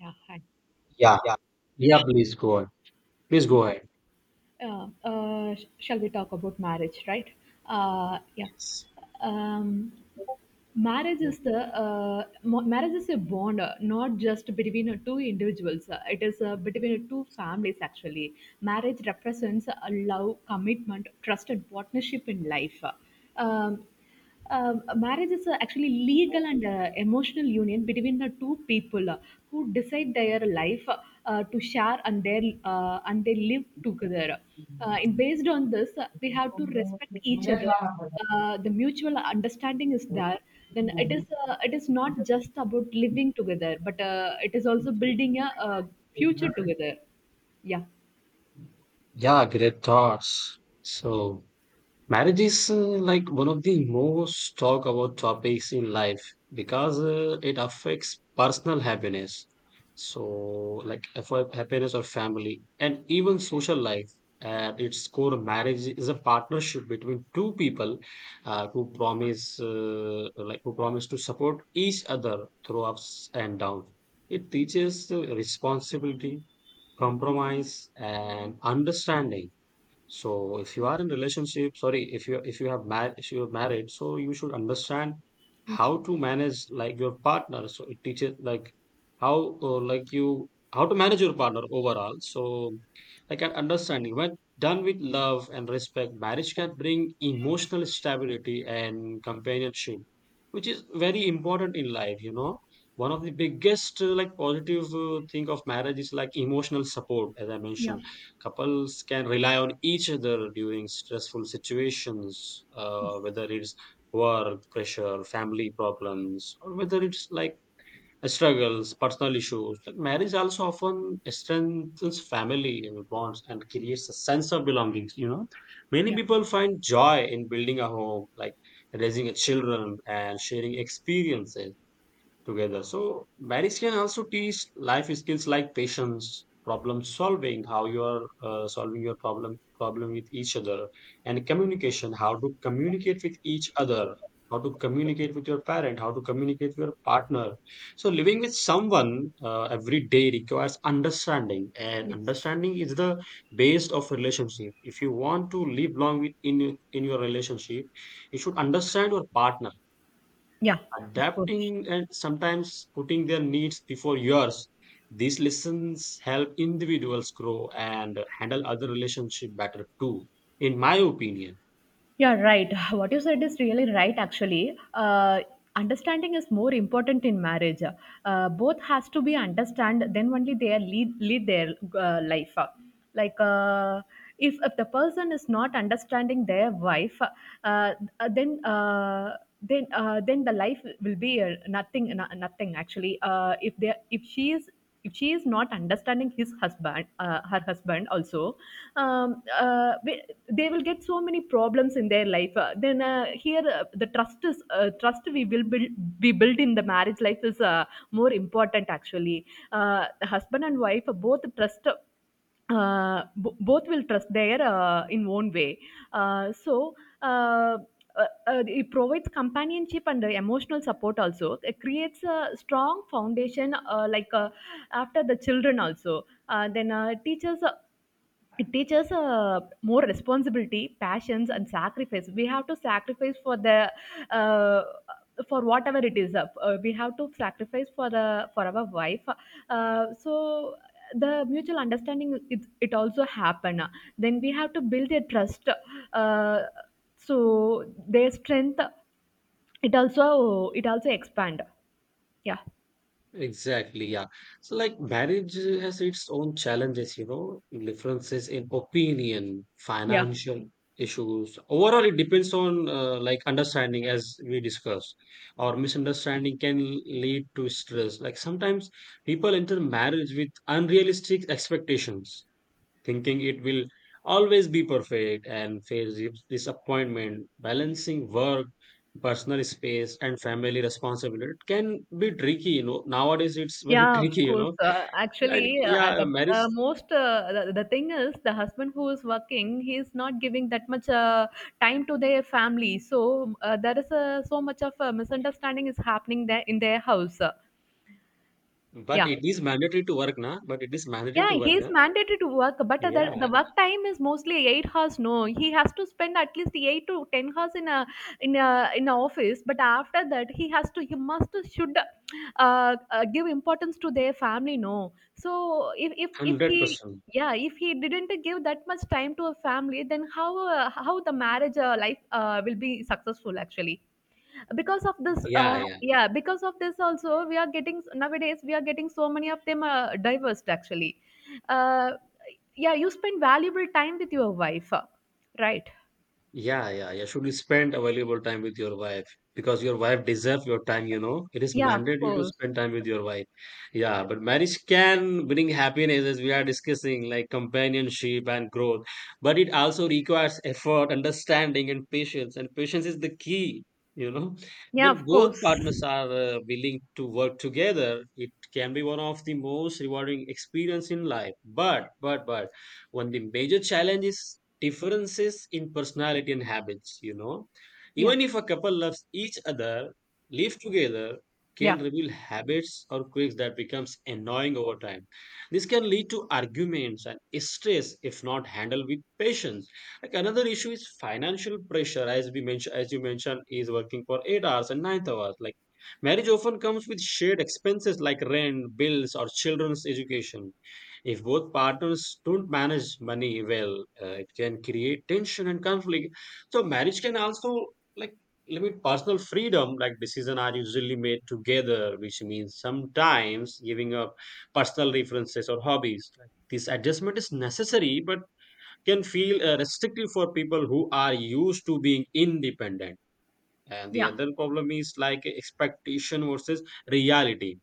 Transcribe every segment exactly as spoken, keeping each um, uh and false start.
Yeah, hi. Yeah. Yeah, please go on. Please go Yeah, ahead. Uh, uh, sh- shall we talk about marriage, right? Uh, yeah. Yes. Um, Marriage is the uh, mo- marriage is a bond, uh, not just between uh, two individuals. Uh, it is uh, between uh, two families actually. Marriage represents a love, commitment, trust, and partnership in life. Uh, Um, um, Marriage is a actually legal and uh, emotional union between the two people uh, who decide their life uh, to share and their uh, and they live together. Uh, and based on this, uh, we have to respect each other. Uh, the mutual understanding is there. Then it is uh, it is not just about living together, but uh, it is also building a, uh future together. Yeah. Yeah, great thoughts. So marriage is uh, like one of the most talked about topics in life because uh, it affects personal happiness. So, like for happiness or family and even social life. At its core, marriage is a partnership between two people uh, who promise, uh, like who promise to support each other through ups and downs. It teaches uh, responsibility, compromise, and understanding. So if you are in relationship, sorry, if you if you have married, if you are married, so you should understand how Future. to manage like your partner. So it teaches like how uh, like you how to manage your partner overall. So like an understanding, when done with love and respect, marriage can bring emotional stability and companionship, which is very important in life. You know, one of the biggest uh, like positive uh, thing of marriage is like emotional support, as I Yeah. mentioned. Couples can rely on each other during stressful situations, uh, Yes. whether it's work, pressure, family problems, or whether it's like uh, struggles, personal issues. Like marriage also often strengthens family and bonds and creates a sense of belonging. You know, many Yeah. people find joy in building a home, like raising a children and sharing experiences together. So marriage can also teach life skills like patience, problem solving, how you are uh, solving your problem problem with each other, and communication, how to communicate with each other, how to communicate with your parent, how to communicate with your partner. So living with someone uh, every day requires understanding, and Yes. understanding is the base of relationship. If you want to live long with in in your relationship, you should understand your partner, Yeah. Of course. adapting and sometimes putting their needs before yours. These lessons help individuals grow and handle other relationship better too, in my opinion. Yeah, right. What you said is really right, actually. Uh, understanding is more important in marriage. Uh, both has to be understand, then only they are lead, lead their uh, life. Like, uh, if, if the person is not understanding their wife, uh, uh, then uh, then uh, then the life will be uh, nothing no- nothing actually. Uh, if they if she is if she is not understanding his husband uh, her husband also um, uh, we- they will get so many problems in their life uh, then uh, here uh, the trust is uh, trust we will build we build in the marriage life is uh, more important actually uh, the husband and wife both trust uh, b- both will trust their uh, in own way uh, so uh, uh, uh, it provides companionship and uh, emotional support also it creates a strong foundation uh, like uh, after the children also uh, then uh, teachers uh, it teaches uh, more responsibility passions and sacrifice we have to sacrifice for the uh, for whatever it is uh, we have to sacrifice for the for our wife uh, so the mutual understanding it, it also happen then we have to build a trust uh, so their strength it also it also expand yeah Exactly, yeah. So, like, marriage has its own challenges, you know, differences in opinion, yeah. financial issues. Overall, it depends on uh, like understanding, as we discussed, or misunderstanding can lead to stress. Like, sometimes people enter marriage with unrealistic expectations, thinking it will always be perfect, and face dis- disappointment balancing work, personal space, and family responsibility. It can be tricky, you know, nowadays it's very Yeah, of tricky, you course. know, Uh, and actually, uh, yeah, The marriage. uh, most uh, the, the thing is the husband who is working, he is not giving that much uh, time to their family. So uh, there is uh, so much of a misunderstanding is happening there in their house. Uh, but Yeah. it is mandatory to work na. But it is mandatory Yeah, to work he's na. mandated to work, but the, the Yeah. work time is mostly eight hours. No, he has to spend at least eight to ten hours in a in a in a office. But after that, he has to he must should uh, uh, give importance to their family. No, so if if if he one hundred percent. yeah if he didn't give that much time to a family, then how uh, how the marriage uh, life uh, will be successful actually because of this Yeah. Uh, yeah. yeah yeah because of this also we are getting nowadays we are getting so many of them uh, divorced actually uh, yeah you spend valuable time with your wife uh, right. Yeah, yeah, yeah. Should you spend available time with your wife, because your wife deserves your time, you know. It is Yeah, of mandatory to course. spend time with your wife. Yeah, but marriage can bring happiness as we are discussing, like companionship and growth. But it also requires effort, understanding, and patience. And patience is the key, you know. Yeah, When of both course. partners are uh, willing to work together, it can be one of the most rewarding experience in life. But, but, but, one of the major challenges, differences in personality and habits, you know, Yeah, even if a couple loves each other, live together, can yeah, reveal habits or quirks that becomes annoying over time. This can lead to arguments and stress if not handled with patience. Like another issue is financial pressure, as we mentioned, as you mentioned, is working for eight hours and nine hours. Like marriage often comes with shared expenses like rent, bills, or children's education. If both partners don't manage money well, uh, it can create tension and conflict. So marriage can also like limit personal freedom. Like decisions are usually made together, which means sometimes giving up personal references or hobbies. Like, this adjustment is necessary, but can feel uh, restrictive for people who are used to being independent. And the yeah. other problem is like expectation versus reality.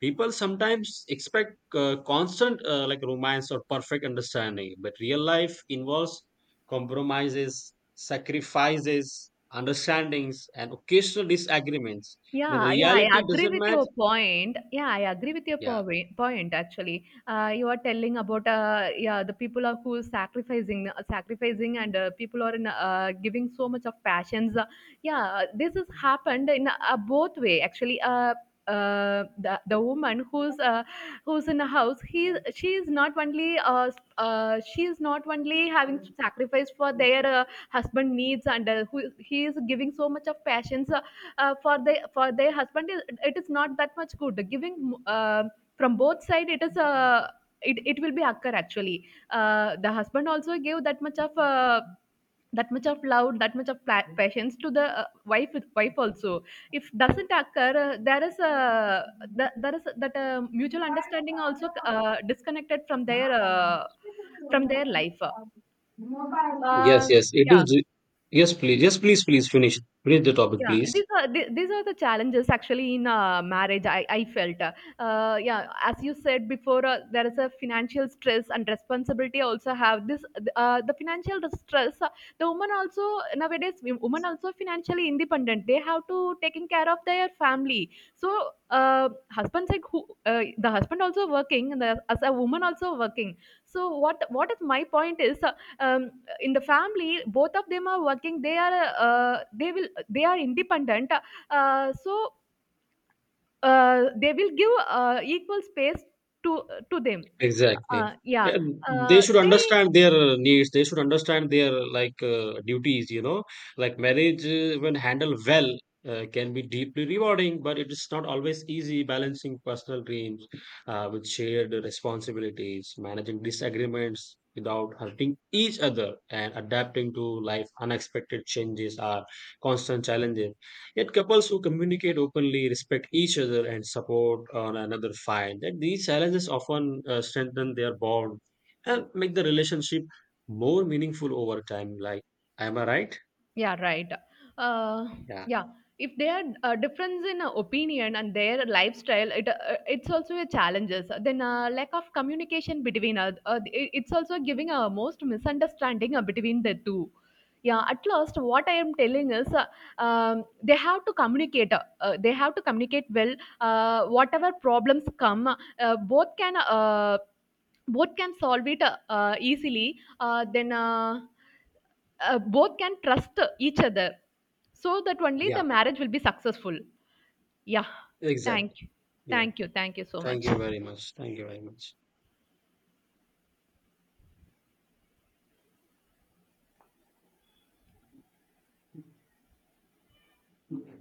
People sometimes expect uh, constant uh, like romance or perfect understanding, but real life involves compromises, sacrifices, understandings, and occasional disagreements. When Yeah, yeah, I reality agree doesn't with match, your point. Yeah, I agree with your yeah. point. Point actually, uh, you are telling about uh, yeah the people are who is sacrificing, uh, sacrificing, and uh, people are in, uh, giving so much of passions. Uh, yeah, this has happened in uh, both way actually. Uh, uh, the the woman who's uh, who's in a house, he she is not only uh, uh, she is not only having sacrifice for their uh, husband needs, and uh, who he is giving so much of passions uh, uh, for the for their husband is it is not that much good giving uh, from both side it is a it, it will be occur actually uh, the husband also gave that much of uh, that much of love that much of pla- patience to the uh, wife wife also if doesn't occur uh, there is a th- there is that uh, mutual understanding also uh, disconnected from their uh, from their life Yes, uh, yes, it yeah. is. Yes, please. Yes, please, please finish. Finish the topic, Yeah, please. these are the- these are the challenges actually in uh, marriage. I I felt, uh, uh, yeah, as you said before, uh, there is a financial stress and responsibility. Also have this uh, the financial stress. Uh, the woman also nowadays wo- women also financially independent. They have to taking care of their family. So uh, husbands like who uh, the husband also working and the, as a woman also working. So what what is my point is. Uh, um, in the family both of them are working they are uh, they will they are independent uh, so uh, they will give uh, equal space to to them uh, Exactly. yeah And they uh, should they. understand their needs. They should understand their like uh, duties. You know, like marriage uh, when handled well uh, can be deeply rewarding, but it is not always easy balancing personal dreams uh, with shared responsibilities, managing disagreements without hurting each other, and adapting to life unexpected changes are constant challenges. Yet couples who communicate openly, respect each other, and support one another find that these challenges often uh, strengthen their bond and make the relationship more meaningful over time. Like, am I right? Yeah, right. Uh, Yeah, yeah, if there are uh, difference in uh, opinion and their lifestyle, it uh, it's also a challenges. Then uh, lack of communication between us, uh, it- it's also giving a most misunderstanding uh, between the two. Yeah, at last, what I am telling is, uh, um, they have to communicate. Uh, uh, they have to communicate well. Uh, whatever problems come, uh, both can uh, both can solve it uh, uh, easily. Uh, then. Uh, uh, both can trust each other so that only the yeah, marriage will be successful. Yeah, exactly. thank you, Yeah, thank you, thank you so thank much. you very much. Thank you very much.